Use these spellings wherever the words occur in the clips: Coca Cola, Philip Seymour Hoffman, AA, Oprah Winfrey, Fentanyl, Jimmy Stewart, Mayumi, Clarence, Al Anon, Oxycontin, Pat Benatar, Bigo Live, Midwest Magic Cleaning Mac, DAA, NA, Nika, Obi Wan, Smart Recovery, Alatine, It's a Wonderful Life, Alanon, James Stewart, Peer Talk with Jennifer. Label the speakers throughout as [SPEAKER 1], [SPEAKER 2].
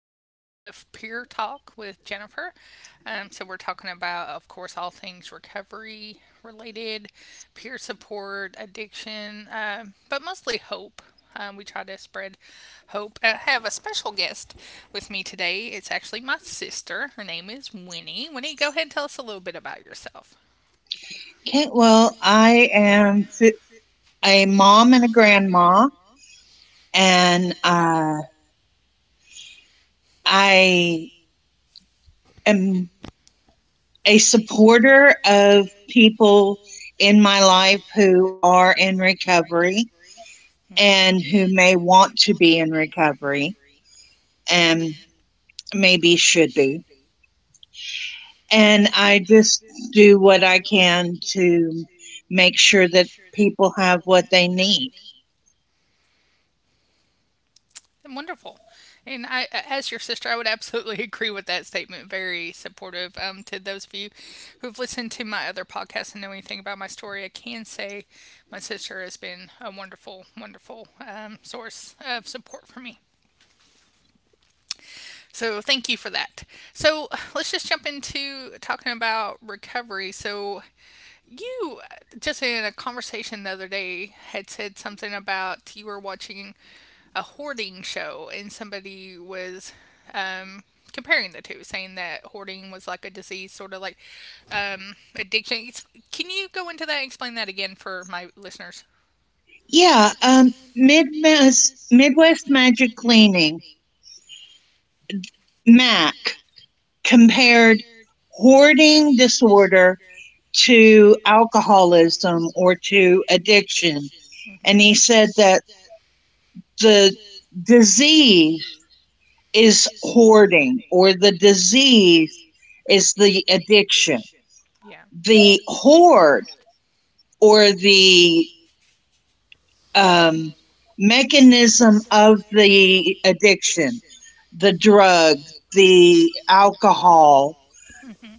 [SPEAKER 1] episode of Peer Talk with Jennifer. We're talking about, of course, all things recovery related, peer support, addiction, but mostly hope. We try to spread hope. I have a special guest with me today. It's actually my sister. Her name is Winnie. Winnie, go ahead and tell us a little bit about yourself.
[SPEAKER 2] I am a mom and a grandma, and I am a supporter of people in my life who are in recovery
[SPEAKER 1] Mm-hmm.
[SPEAKER 2] and who may want to be in recovery and maybe should be. And I just do what I can to make sure that people have what they need.
[SPEAKER 1] Wonderful. And as your sister, I would absolutely agree with that statement. Very supportive. To those of you who've listened to my other podcasts and know anything about my story, I can say my sister has been a wonderful, wonderful source of support for me. So thank you for that. So let's just jump into talking about recovery. So you just in a conversation the other day had said something about you were watching a hoarding show and somebody was um, comparing the two, saying that hoarding was like a disease, sort of like addiction. Can you go into that and explain that again for my listeners?
[SPEAKER 2] Midwest Magic Cleaning Mac compared hoarding disorder to alcoholism or to addiction.
[SPEAKER 1] hmm
[SPEAKER 2] And he said that the disease is hoarding or the disease is the addiction.
[SPEAKER 1] Yeah.
[SPEAKER 2] The hoard or the um, mechanism of the addiction, the drug, the alcohol,
[SPEAKER 1] hmm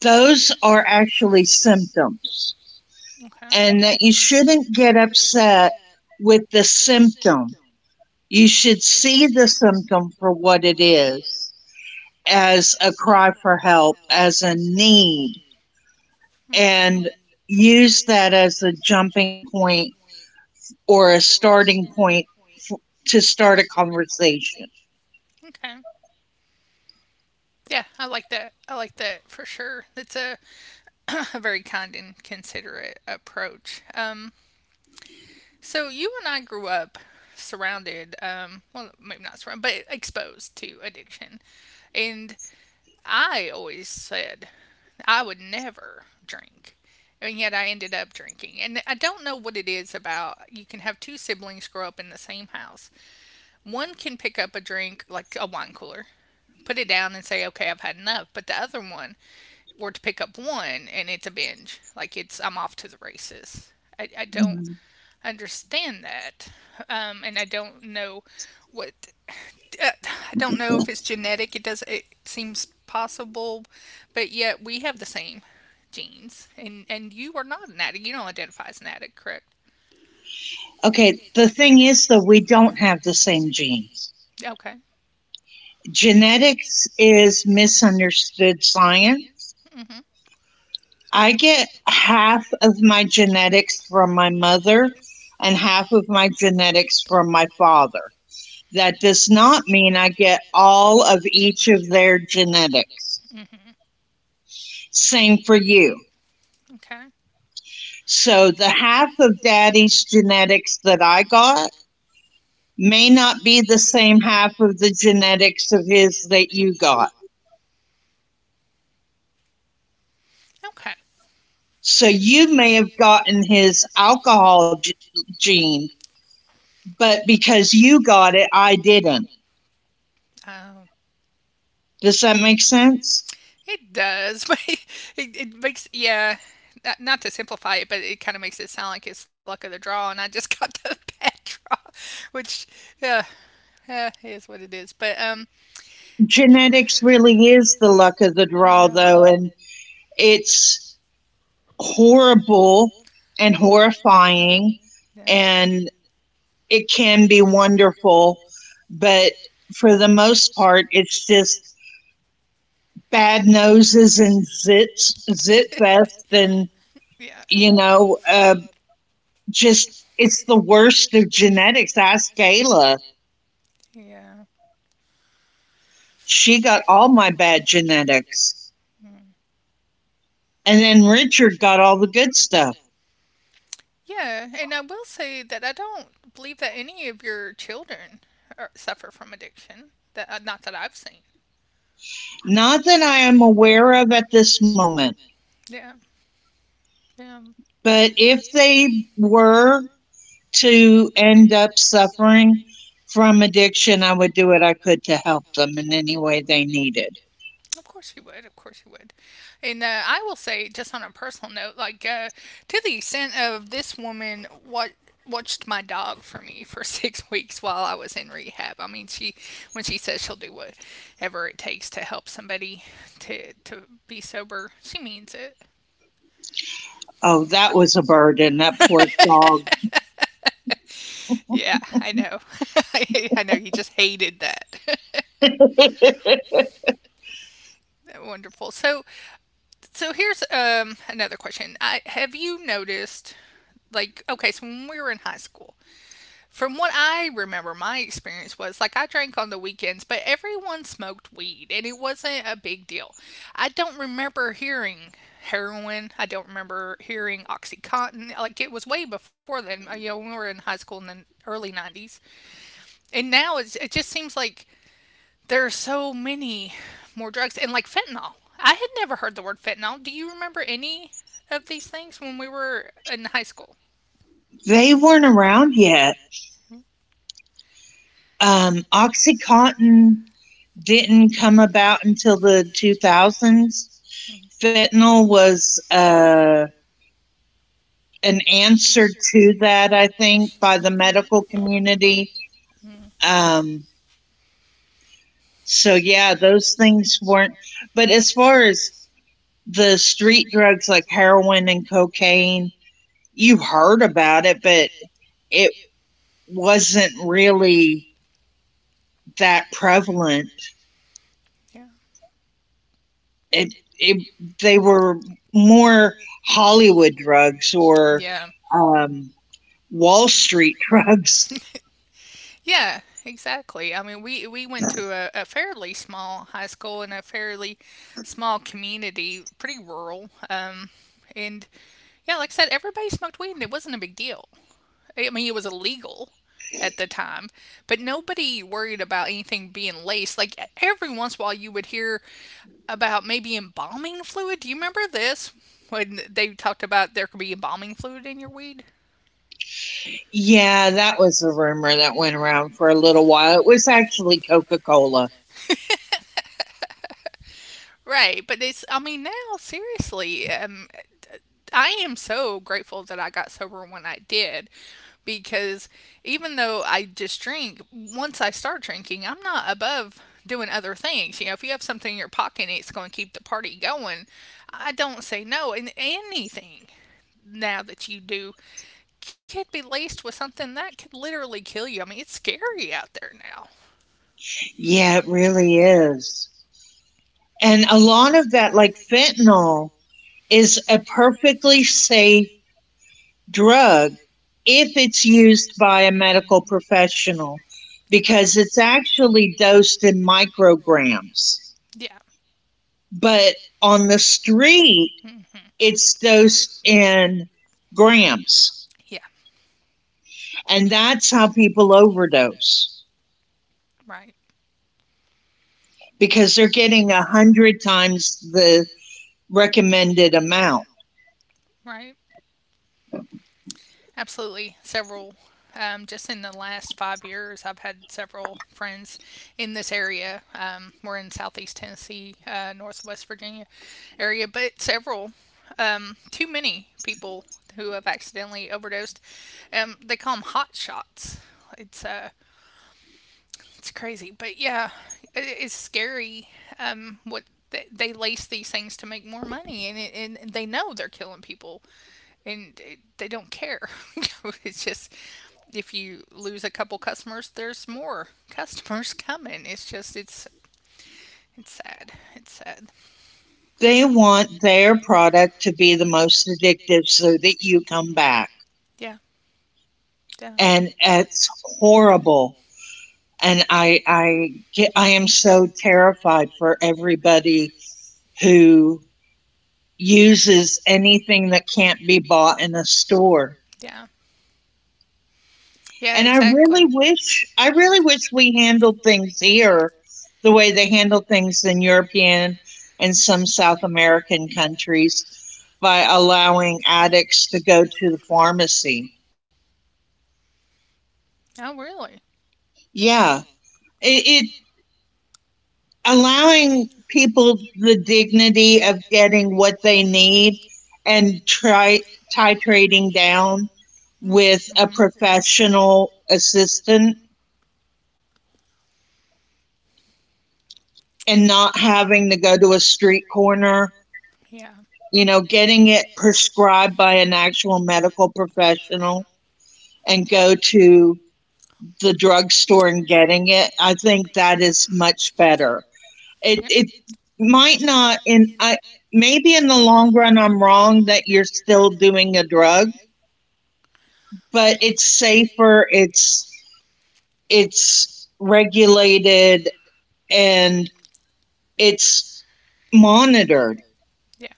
[SPEAKER 2] those are actually symptoms,
[SPEAKER 1] Okay.
[SPEAKER 2] and that you shouldn't get upset with the symptom. You should see the symptom for what it is, as a cry for help, as a need,
[SPEAKER 1] hmm
[SPEAKER 2] and use that as a jumping point or a starting point f- to start a conversation.
[SPEAKER 1] Okay. Yeah, I like that. I like that for sure. A very kind and considerate approach. So you and I grew up well, maybe not surrounded, but exposed to addiction. And I always said I would never drink. And yet I ended up drinking. And I don't know what it is about. You can have two siblings grow up in the same house. One can pick up a drink, like a wine cooler, put it down and say, okay, I've had enough. But the other one were to pick up one and it's a binge. I'm off to the races. I don't
[SPEAKER 2] Mhm.
[SPEAKER 1] understand that, and I don't know what uh, I don't know if it's genetic. It does. It seems possible, but yet we have the same genes, and you are not an addict. You don't identify as an addict, correct?
[SPEAKER 2] Okay, the thing is, though, we don't have the same genes.
[SPEAKER 1] Okay.
[SPEAKER 2] Genetics is misunderstood science.
[SPEAKER 1] Mm-hmm.
[SPEAKER 2] I get half of my genetics from my mother and half of my genetics from my father. That does not mean I get all of each of their genetics. Same for you.
[SPEAKER 1] Mm-hmm. Okay.
[SPEAKER 2] So the half of daddy's genetics that I got may not be the same half of the genetics of his that you got.
[SPEAKER 1] Okay.
[SPEAKER 2] So you may have gotten his alcohol gene, but because you got it, I didn't.
[SPEAKER 1] Oh,
[SPEAKER 2] Does that make sense?
[SPEAKER 1] it does, but it makes yeah. Not to simplify it, but it kind of makes it sound like it's luck of the draw, and I just got the bad draw, which yeah, yeah, it is what it is. But
[SPEAKER 2] Genetics really is the luck of the draw,
[SPEAKER 1] Yeah.
[SPEAKER 2] though, and it's horrible and horrifying,
[SPEAKER 1] yeah,
[SPEAKER 2] and it can be wonderful, but for the most part, it's just bad noses and zits, zit fest, and
[SPEAKER 1] yeah,
[SPEAKER 2] you know, uh, just it's the worst of genetics. Ask Gayla;
[SPEAKER 1] yeah,
[SPEAKER 2] she got all my bad genetics,
[SPEAKER 1] mm.
[SPEAKER 2] and then Richard got all the good stuff.
[SPEAKER 1] yeah. And I will say that I don't believe that any of your children are, suffer from addiction. That not that I've seen.
[SPEAKER 2] Not that I am aware of at this moment,
[SPEAKER 1] Yeah, yeah.
[SPEAKER 2] but if they were to end up suffering from addiction, I would do what I could to help them in any way they needed.
[SPEAKER 1] Of course you would. Of course you would. And I will say, just on a personal note, to the extent of this woman, what watched my dog for me for six weeks while I was in rehab. I mean, she when she says she'll do whatever it takes to help somebody to be sober, she means it.
[SPEAKER 2] Oh, that was a burden, that poor dog.
[SPEAKER 1] Yeah, I know. I know you just hated that. Wonderful. So so here's another question. I have you noticed like okay, so when we were in high school, from what I remember, my experience was like I drank on the weekends, but everyone smoked weed and it wasn't a big deal. I don't remember hearing heroin. I don't remember hearing Oxycontin. Like it was way before then. You know, when we were in high school in the early 90s. And now it just seems like there are so many more drugs and like fentanyl. I had never heard the word fentanyl. Do you remember any of these things when we were in high school?
[SPEAKER 2] They weren't around yet. Oxycontin didn't come about until the 2000s. Fentanyl was an answer to that, I think, by the medical
[SPEAKER 1] Yeah.
[SPEAKER 2] community.
[SPEAKER 1] Mm,
[SPEAKER 2] Um, so yeah, those things weren't. But as far as the street drugs like heroin and cocaine, you heard about it, but it wasn't really that prevalent.
[SPEAKER 1] yeah.
[SPEAKER 2] It, it they were more Hollywood drugs or
[SPEAKER 1] Yeah.
[SPEAKER 2] um, Wall Street drugs.
[SPEAKER 1] Yeah, exactly. I mean, we went to a fairly small high school in a fairly small community, pretty rural. And yeah, like I said, everybody smoked weed and it wasn't a big deal. I mean, it was illegal at the time, but nobody worried about anything being laced. Like every once in a while, you would hear about maybe embalming fluid. Do you remember this when they talked about there could be embalming fluid in your weed?
[SPEAKER 2] Yeah, that was a rumor that went around for a little while. It was actually Coca Cola.
[SPEAKER 1] Right, but I mean, now, seriously, I am so grateful that I got sober when I did because even though I just drink, once I start drinking, I'm not above doing other things. You know, if you have something in your pocket and it's going to keep the party going, I don't say no. And anything now that you do could be laced with something that could literally kill you. I mean, it's scary out there now.
[SPEAKER 2] Yeah, it really is. And a lot of that, like fentanyl, is a perfectly safe drug if it's used by a medical professional
[SPEAKER 1] Yeah.
[SPEAKER 2] because it's actually dosed in micrograms.
[SPEAKER 1] Yeah.
[SPEAKER 2] But on the street,
[SPEAKER 1] hmm
[SPEAKER 2] it's dosed in grams.
[SPEAKER 1] Yeah.
[SPEAKER 2] And that's how people overdose
[SPEAKER 1] Right.
[SPEAKER 2] because they're getting a hundred times the recommended amount.
[SPEAKER 1] Right. Absolutely. Just in the last five years, I've had several friends in this area. We're in southeast Tennessee, northwest Virginia area, but too many people who have accidentally overdosed. They call them hot shots. It's uh, it's crazy, but yeah, it's scary. Um, what they lace these things to make more money, and they know they're killing people and they don't care. It's just if you lose a couple customers, there's more customers coming. It's just it's sad. It's sad.
[SPEAKER 2] They want their product to be the most addictive so that you come back.
[SPEAKER 1] Yeah, yeah,
[SPEAKER 2] And it's horrible. And I am so terrified for everybody who uses anything that can't be bought in a store.
[SPEAKER 1] yeah, yeah. I
[SPEAKER 2] And
[SPEAKER 1] Exactly. I
[SPEAKER 2] I really wish we handled things here the way they handle things in European and some South American countries by allowing addicts to go to the pharmacy.
[SPEAKER 1] Oh, really?
[SPEAKER 2] Yeah. It allowing people the dignity of getting what they need and try titrating down
[SPEAKER 1] Hmm.
[SPEAKER 2] with a
[SPEAKER 1] mm-hmm.
[SPEAKER 2] professional assistant and not having to go to a street corner,
[SPEAKER 1] Yeah.
[SPEAKER 2] you know, getting it prescribed by an actual medical professional and go
[SPEAKER 1] Mm-hmm.
[SPEAKER 2] to the drugstore and getting it. I think that is much better. It
[SPEAKER 1] Yeah.
[SPEAKER 2] it might not, and I maybe in the long run I'm wrong that you're still doing a drug, but it's safer, it's regulated and it's monitored.
[SPEAKER 1] Yeah.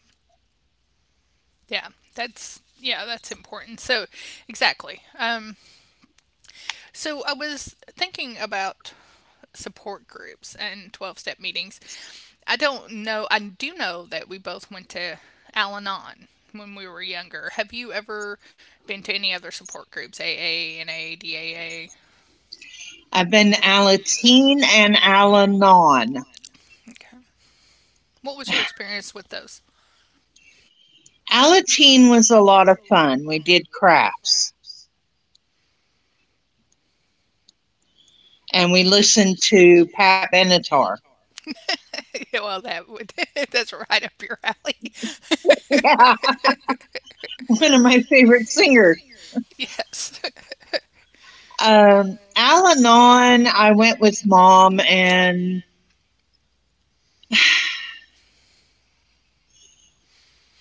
[SPEAKER 1] Yeah. That's yeah, that's important. So exactly. So I was thinking about support groups and 12 step meetings. I don't know, I do know that we both went to Al Anon when we were younger. Have you ever been to any other support groups, AA, NA, DAA?
[SPEAKER 2] I've been Alatine and Alanon.
[SPEAKER 1] Okay. What was your experience with those?
[SPEAKER 2] Alatine was a lot of fun. We did crafts and we listened to Pat Benatar.
[SPEAKER 1] Well, that would that's right up your alley.
[SPEAKER 2] Yeah, one of my favorite singers.
[SPEAKER 1] Yes.
[SPEAKER 2] Al Anon, I went with mom, and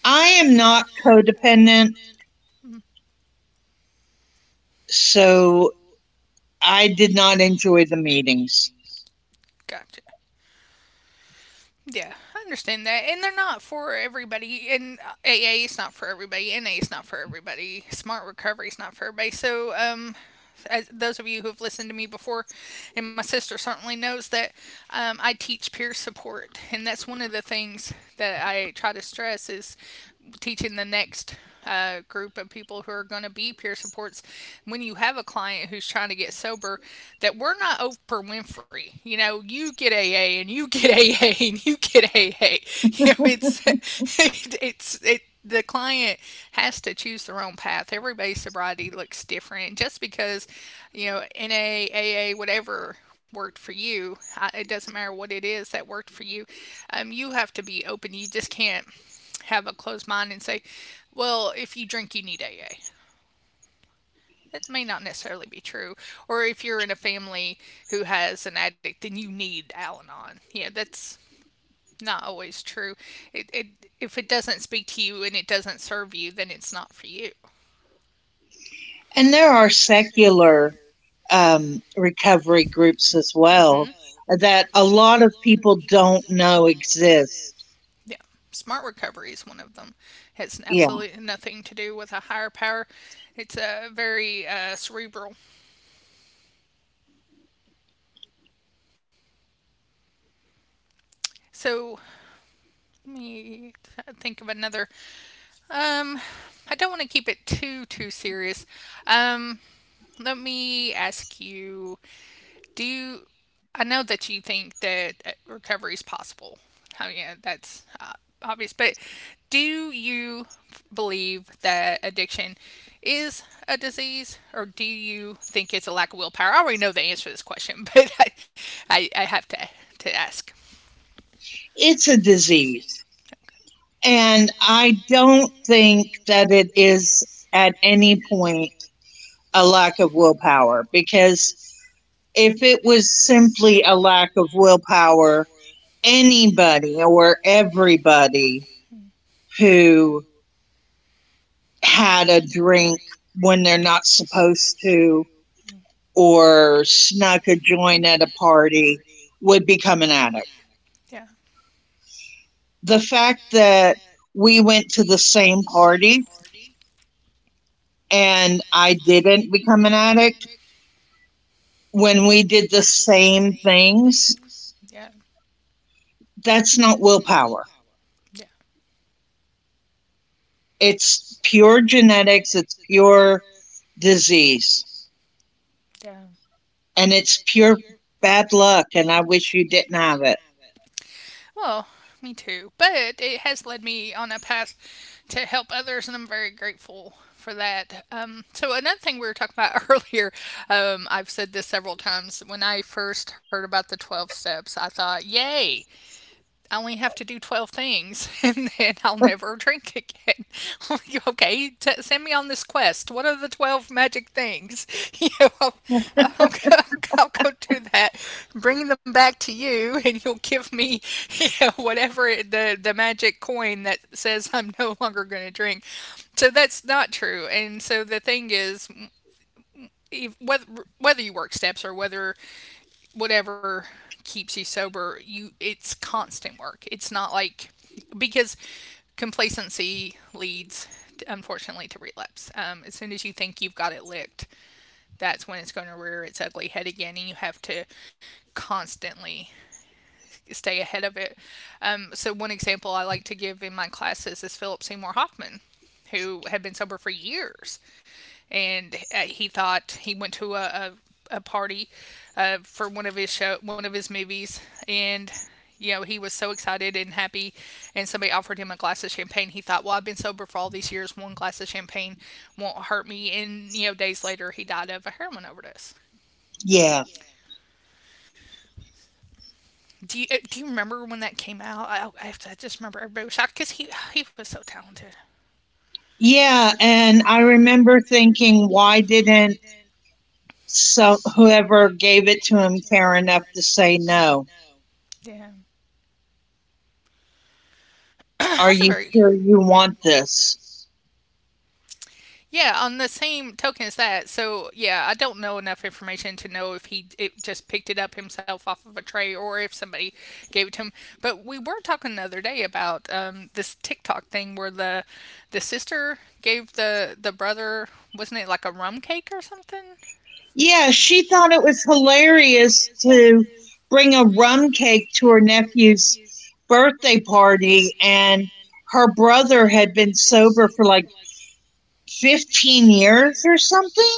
[SPEAKER 2] I am not codependent, so I did not enjoy the meetings.
[SPEAKER 1] Gotcha. Yeah, I understand that. And they're not for everybody. And AA is not for everybody. NA is not for everybody. Smart recovery is not for everybody. As those of you who have listened to me before, and my sister certainly knows that I teach peer support, and that's one of the things that I try to stress is teaching the next group of people who are going to be peer supports when you have a client who's trying to get sober that we're not Oprah Winfrey. You know, you get AA and you get AA and you get AA. You know, it's it's it, the client has to choose their own path. Everybody's sobriety looks different. Just because, you know, NA, AA, whatever worked for you, it doesn't matter what it is that worked for you. You have to be open. You just can't have a closed mind and say, well, if you drink, you need AA. That may not necessarily be true. Or if you're in a family who has an addict, then you need Al Anon. Yeah, that's not always true. It, if it doesn't speak to you and it doesn't serve you, then it's not for you.
[SPEAKER 2] And there are secular recovery groups as well that a lot of people don't know exist.
[SPEAKER 1] Yeah. Smart recovery is one of them. It has
[SPEAKER 2] Yeah,
[SPEAKER 1] absolutely nothing to do with a higher power. It's a very cerebral. So let me think of another. Um, I don't want to keep it too serious. Um, Let me ask you do you? I know that you think that recovery is possible. I mean, yeah, that's obvious. But do you believe that addiction is a disease, or do you think it's a lack of willpower? I already know the answer to this question, but I have to ask.
[SPEAKER 2] it's a disease. And I don't think that it is at any point a lack of willpower because if it was simply a lack of willpower, anybody or everybody who had a drink when they're not supposed to or snuck a joint at a party would become an addict.
[SPEAKER 1] Yeah,
[SPEAKER 2] The fact that we went to the same parties and I didn't become an addict when we did the same things,
[SPEAKER 1] yeah,
[SPEAKER 2] that's not willpower.
[SPEAKER 1] yeah,
[SPEAKER 2] It's pure genetics, it's pure disease.
[SPEAKER 1] yeah.
[SPEAKER 2] And it's pure bad luck, and I wish you didn't have it.
[SPEAKER 1] Well, me too. But it has led me on a path to help others, and I'm very grateful for that. Another thing we were talking about earlier, I've said this several times. When I first heard about the 12 steps, I thought, yay, I only have to do 12 things and then I'll never drink again. Okay, send me on this quest. What are the 12 magic things? You know, go, I'll go do that, bring them back to you, and you'll give me you know, whatever the magic coin that says I'm no longer going to drink. So that's not true. And so the thing is, if- whether, whether you work steps or whether whatever keeps you sober, you it's constant work. It's not like because Complacency leads to, unfortunately, to relapse. As soon as you think you've got it licked, that's when it's going to rear its ugly head again, and you have to constantly stay ahead of it. So one example I like to give in my classes is Philip Seymour Hoffman, who had been sober for years. And he went to a party for one of his movies. And you know, he was so excited and happy, and somebody offered him a glass of champagne. He thought, well, I've been sober for all these years, one glass of champagne won't hurt me. And you know, days later, he died of a heroin overdose.
[SPEAKER 2] Yeah,
[SPEAKER 1] Do you do you remember when that came out? I just remember everybody was shocked because he was so talented.
[SPEAKER 2] Yeah, and I remember thinking, why didn't, so whoever gave it to him care enough to say no?
[SPEAKER 1] Yeah,
[SPEAKER 2] Are
[SPEAKER 1] that's a
[SPEAKER 2] you
[SPEAKER 1] very—
[SPEAKER 2] sure you want this?
[SPEAKER 1] Yeah, on the same token as that. So yeah, I don't know enough information to know if he it just picked it up himself off of a tray, or if somebody gave it to him. But we were talking the other day about this TikTok thing where the sister gave the brother— wasn't it like a rum cake or something?
[SPEAKER 2] Yeah, she thought it was hilarious
[SPEAKER 1] Yeah.
[SPEAKER 2] to bring a rum cake to her nephew's birthday party, and her brother had been sober for like 15 years or something,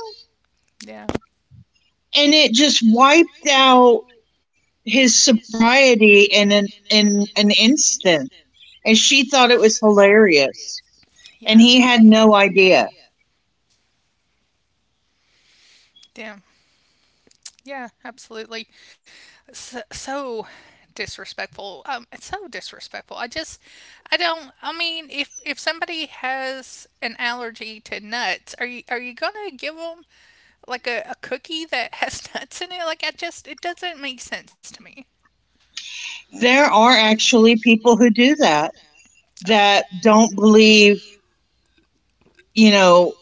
[SPEAKER 1] Yeah,
[SPEAKER 2] and it just wiped out his sobriety in an instant, and she thought it was hilarious and
[SPEAKER 1] yeah,
[SPEAKER 2] he had no idea.
[SPEAKER 1] yeah, yeah, absolutely. So disrespectful. It's so disrespectful. I don't. I mean, if somebody has an allergy to nuts, are you gonna give them like a cookie that has nuts in it? Like, I just, it doesn't make sense to me.
[SPEAKER 2] There are actually people who do that, that don't believe, you know,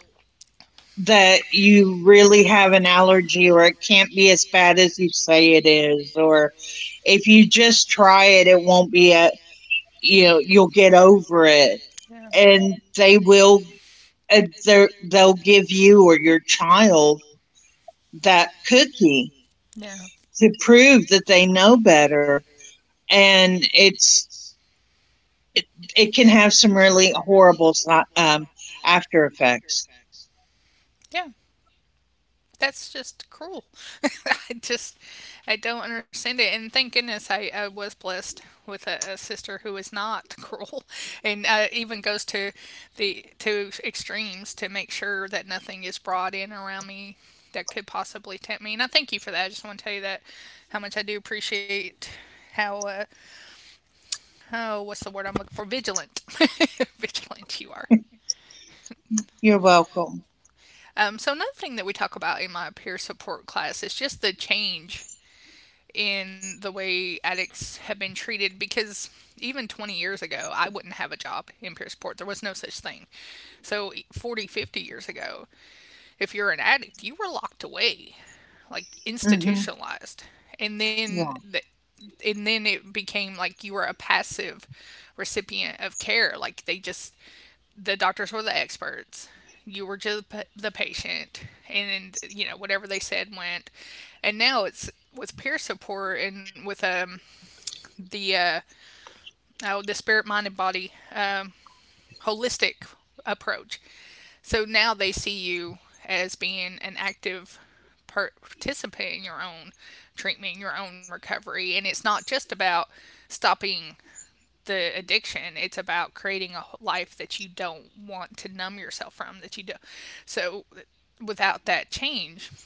[SPEAKER 2] that you really have an allergy or it can't be as bad as you say it is, or if you just try it it won't be a, you know, you'll get over it.
[SPEAKER 1] Yeah.
[SPEAKER 2] And they will they'll give you or your child that cookie
[SPEAKER 1] Yeah.
[SPEAKER 2] to prove that they know better, and it, it can have some really horrible um, after effects.
[SPEAKER 1] Yeah. That's just cruel. I just, I don't understand it. And thank goodness I was blessed with a sister who is not cruel, and even goes to the to extremes to make sure that nothing is brought in around me that could possibly tempt me. And I thank you for that. I just want to tell you that how much I do appreciate how oh, what's the word I'm looking for— vigilant, vigilant you are.
[SPEAKER 2] You're welcome.
[SPEAKER 1] So another thing that we talk about in my peer support class is just the change in the way addicts have been treated, because even 20 years ago, I wouldn't have a job in Pierceport. There was no such thing. So 40, 50 years ago, if you're an addict, you were locked away, like
[SPEAKER 2] Hmm.
[SPEAKER 1] institutionalized. and then
[SPEAKER 2] Yeah,
[SPEAKER 1] the, and then it became like you were a passive recipient of care, like they just— the doctors were the experts, you were just the patient, and you know, whatever they said went. And now it's with peer support and with the uh oh, the spirit, mind, and body, holistic approach. So now they see you as being an active participant in your own treatment, your own recovery. And it's not just about stopping the addiction, it's about creating a life that you don't want to numb yourself from, that you don't. So without that change,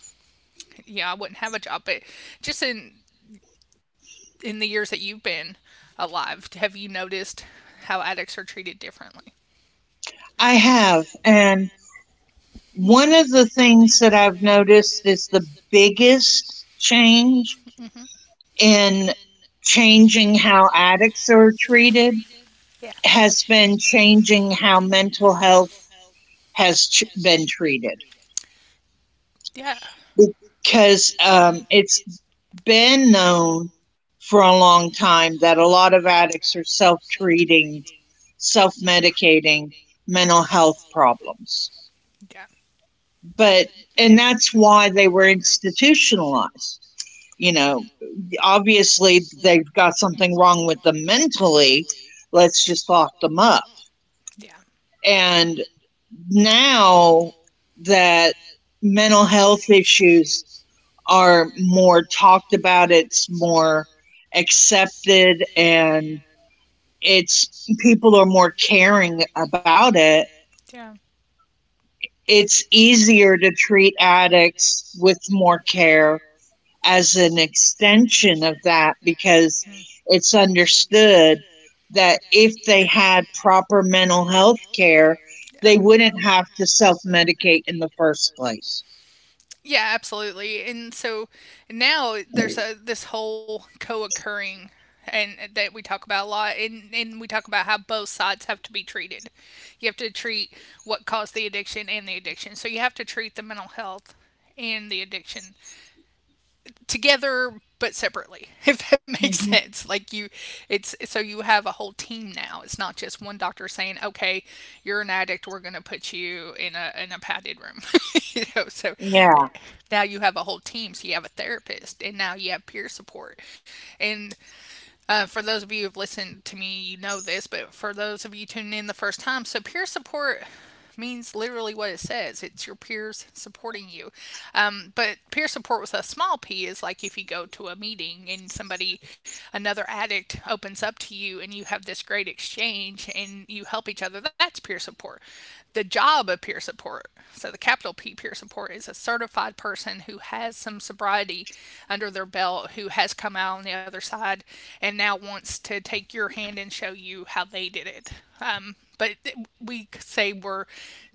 [SPEAKER 1] yeah, I wouldn't have a job. But just in the years that you've been alive, have you noticed how addicts are treated differently?
[SPEAKER 2] I have, and one of the things that I've noticed is the biggest change
[SPEAKER 1] Mm-hmm.
[SPEAKER 2] in changing how addicts are treated
[SPEAKER 1] Yeah.
[SPEAKER 2] has been changing how mental health has been treated
[SPEAKER 1] Yeah.
[SPEAKER 2] because it's been known for a long time that a lot of addicts are self treating, self medicating mental health problems.
[SPEAKER 1] Yeah.
[SPEAKER 2] But, and that's why they were institutionalized. You know, obviously they've got something wrong with them mentally. Let's just lock them up.
[SPEAKER 1] Yeah.
[SPEAKER 2] And now that mental health issues are more talked about, it's more accepted, and it's people are more caring about it.
[SPEAKER 1] Yeah.
[SPEAKER 2] It's easier to treat addicts with more care as an extension of that because it's understood that if they had proper mental health care,
[SPEAKER 1] Yeah,
[SPEAKER 2] they wouldn't have to self medicate in the first place.
[SPEAKER 1] yeah, absolutely. And so now there's a this whole co-occurring and that we talk about a lot, and we talk about how both sides have to be treated. You have to treat what caused the addiction and the addiction. So you have to treat the mental health and the addiction together but separately, if that makes
[SPEAKER 2] Hmm.
[SPEAKER 1] sense. Like you It's so you have a whole team now. It's not just one doctor saying, okay, you're an addict, we're going to put you in a padded room. You know, so yeah.
[SPEAKER 2] Yeah,
[SPEAKER 1] Now you have a whole team, so you have a therapist, and now you have peer support. And for those of you who've listened to me, you know this, but for those of you tuning in the first time, so peer support means literally what it says— it's your peers supporting you. But peer support with a small P is, like, if you go to a meeting and somebody, another addict, opens up to you and you have this great exchange and you help each other, that's peer support. The job of peer support, so the capital P peer support, is a certified person who has some sobriety under their belt, who has come out on the other side and now wants to take your hand and show you how they did it. But we say we're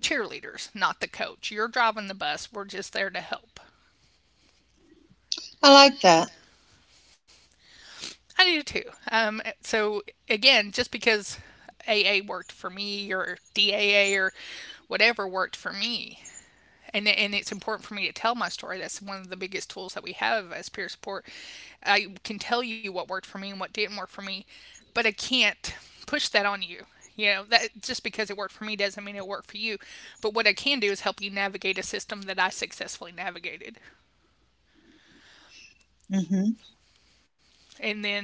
[SPEAKER 1] cheerleaders, not the coach. You're driving the bus, we're just there to help.
[SPEAKER 2] I like that.
[SPEAKER 1] I do too. So, again, just because AA worked for me, or DAA, or whatever worked for me. And it's important for me to tell my story. That's one of the biggest tools that we have as peer support. I can tell you what worked for me and what didn't work for me, but I can't push that on you. You know, that just because it worked for me doesn't mean it'll work for you. But what I can do is help you navigate a system that I successfully navigated.
[SPEAKER 2] Hmm.
[SPEAKER 1] And then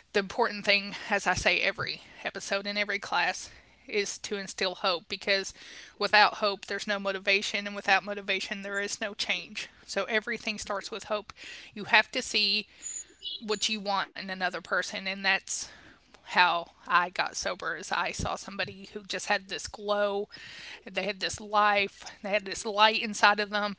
[SPEAKER 1] the important thing, as I say every episode in every class, is to instill hope. Because without hope, there's no motivation, and without motivation, there is no change. So everything starts with hope. You have to see what you want in another person, and that's how I got sober. Is I saw somebody who just had this glow, they had this life, they had this light inside of them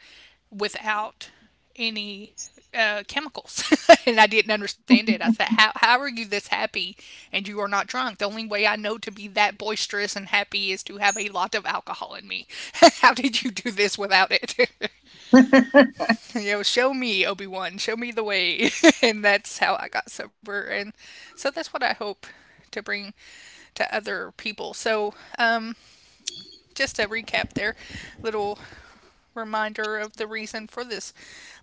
[SPEAKER 1] without any chemicals. And I didn't understand it. I said, how are you this happy and you are not drunk? The only way I know to be that boisterous and happy is to have a lot of alcohol in me. How did you do this without it? You know, show me, Obi Wan, show me the way. And that's how I got sober. And so that's what I hope to bring to other people. So, just a recap there, little reminder of the reason for this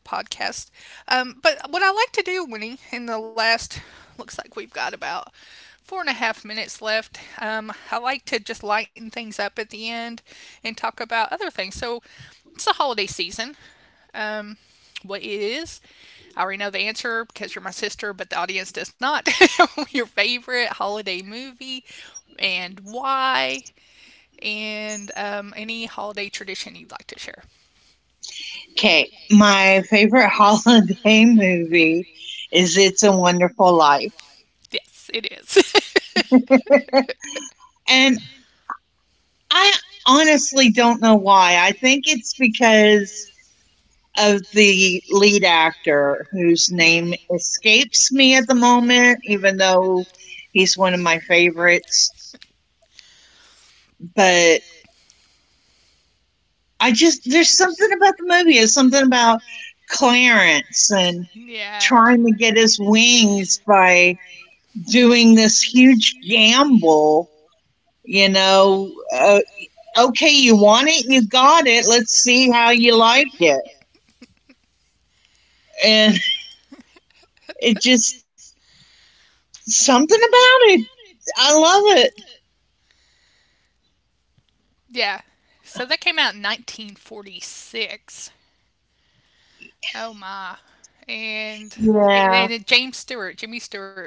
[SPEAKER 1] podcast. But what I like to do, Winnie, in the last— looks like we've got about four and a half minutes left. I like to just lighten things up at the end and talk about other things. So, it's the holiday season, um, what it is. I already know the answer because you're my sister, but the audience does not. Your favorite holiday movie and why, and any holiday tradition you'd like to share.
[SPEAKER 2] Okay, my favorite holiday movie is It's a Wonderful Life.
[SPEAKER 1] Yes, it is. Of—
[SPEAKER 2] And I honestly don't know why. I think it's because of the lead actor whose
[SPEAKER 1] Hmm.
[SPEAKER 2] name escapes me at the moment, even though he's one of my favorites. But I just, there's something about the movie, there's something about Clarence and
[SPEAKER 1] Yeah,
[SPEAKER 2] trying to get his wings by doing this huge gamble. You know, uh, okay, you want it, you got it. Let's see how you like it. And it just something about it. I love it.
[SPEAKER 1] yeah. So that came out in 1946. Oh my. And
[SPEAKER 2] Yeah,
[SPEAKER 1] and James Stewart, Jimmy Stewart.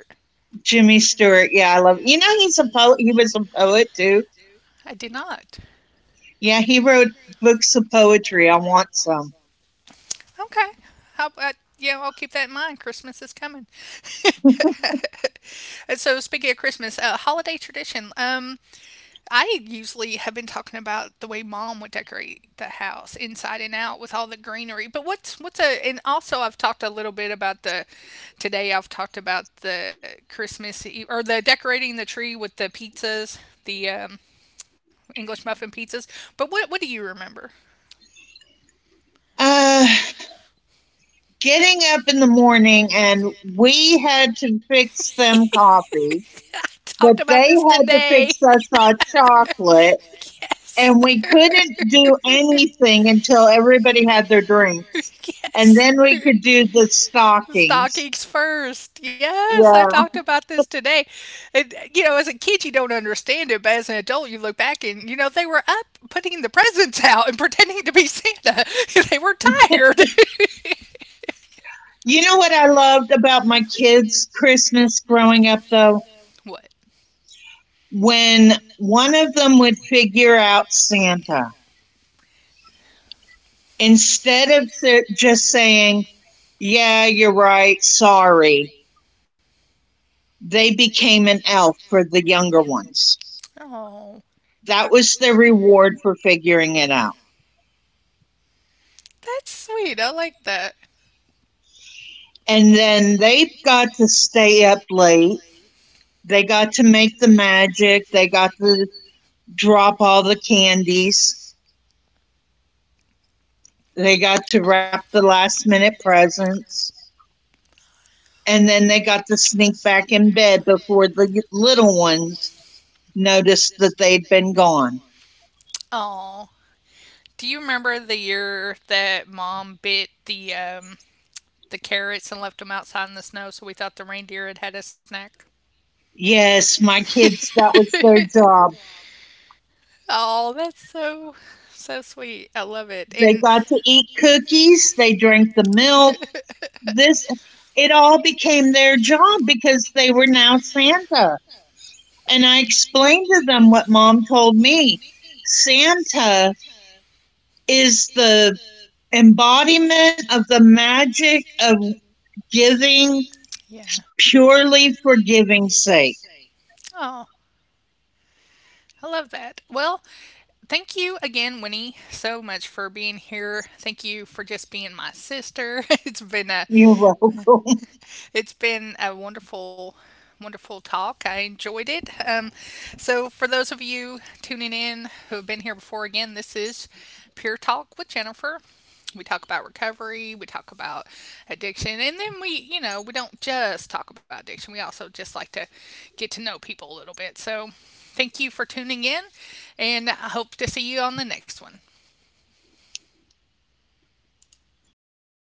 [SPEAKER 2] Jimmy Stewart. Yeah, I love. It. You know, he's a poet. He was a poet too.
[SPEAKER 1] I did not.
[SPEAKER 2] Yeah, he wrote books of poetry. I want some.
[SPEAKER 1] Okay. How about— yeah, I'll keep that in mind. Christmas is coming. And so, speaking of Christmas, holiday tradition. I usually have been talking about the way Mom would decorate the house inside and out with all the greenery. But what's a— and also I've talked a little bit about the— today I've talked about the Christmas Eve, or the decorating the tree with the pizzas, the English muffin pizzas. But what do you remember?
[SPEAKER 2] Uh, Getting up in the morning, and we had to fix them coffee,
[SPEAKER 1] I
[SPEAKER 2] but
[SPEAKER 1] talked
[SPEAKER 2] they
[SPEAKER 1] about this
[SPEAKER 2] had to
[SPEAKER 1] today.
[SPEAKER 2] fix us our chocolate,
[SPEAKER 1] Yes.
[SPEAKER 2] and we couldn't do anything until everybody had their drinks. And
[SPEAKER 1] Yes.
[SPEAKER 2] then we could do the stockings.
[SPEAKER 1] Stockings first. Yes, I
[SPEAKER 2] Yeah.
[SPEAKER 1] talked about this today. And, you know, as a kid, you don't understand it, but as an adult, you look back and, you know, they were up putting the presents out and pretending to be Santa. They were tired.
[SPEAKER 2] You know what I loved about my kids' Christmas growing up, though?
[SPEAKER 1] What?
[SPEAKER 2] When one of them would figure out Santa, instead of just saying, yeah, you're right, sorry, they became an elf for the younger ones.
[SPEAKER 1] Oh,
[SPEAKER 2] That was their reward for figuring it out.
[SPEAKER 1] that's sweet. I like that.
[SPEAKER 2] And then they got to stay up late. They got to make the magic. They got to drop all the candies. They got to wrap the last minute presents. And then they got to sneak back in bed before the little ones noticed that they'd been gone.
[SPEAKER 1] Oh, do you remember the year that Mom bit the carrots and left them outside in the snow, so we thought the reindeer had had a snack?
[SPEAKER 2] Yes, my kids, that was their job.
[SPEAKER 1] Oh, that's so sweet. I love it.
[SPEAKER 2] They
[SPEAKER 1] And
[SPEAKER 2] got to eat cookies. They drank the milk. This, it all became their job because they were now Santa. And I explained to them what mom told me. Santa is the embodiment of the magic of giving
[SPEAKER 1] yeah.
[SPEAKER 2] purely for giving's sake.
[SPEAKER 1] Oh, I love that. Well, thank you again, Winnie, so much for being here. Thank you for just being my sister.
[SPEAKER 2] You're welcome.
[SPEAKER 1] It's been a wonderful, wonderful talk. I enjoyed it. So, for those of you tuning in who have been here before, again, this is Pure Talk with Jennifer. We talk about recovery, we talk about addiction, and then we, you know, we don't just talk about addiction. We also just like to get to know people a little bit. So, thank you for tuning in, and I hope to see you on the next one.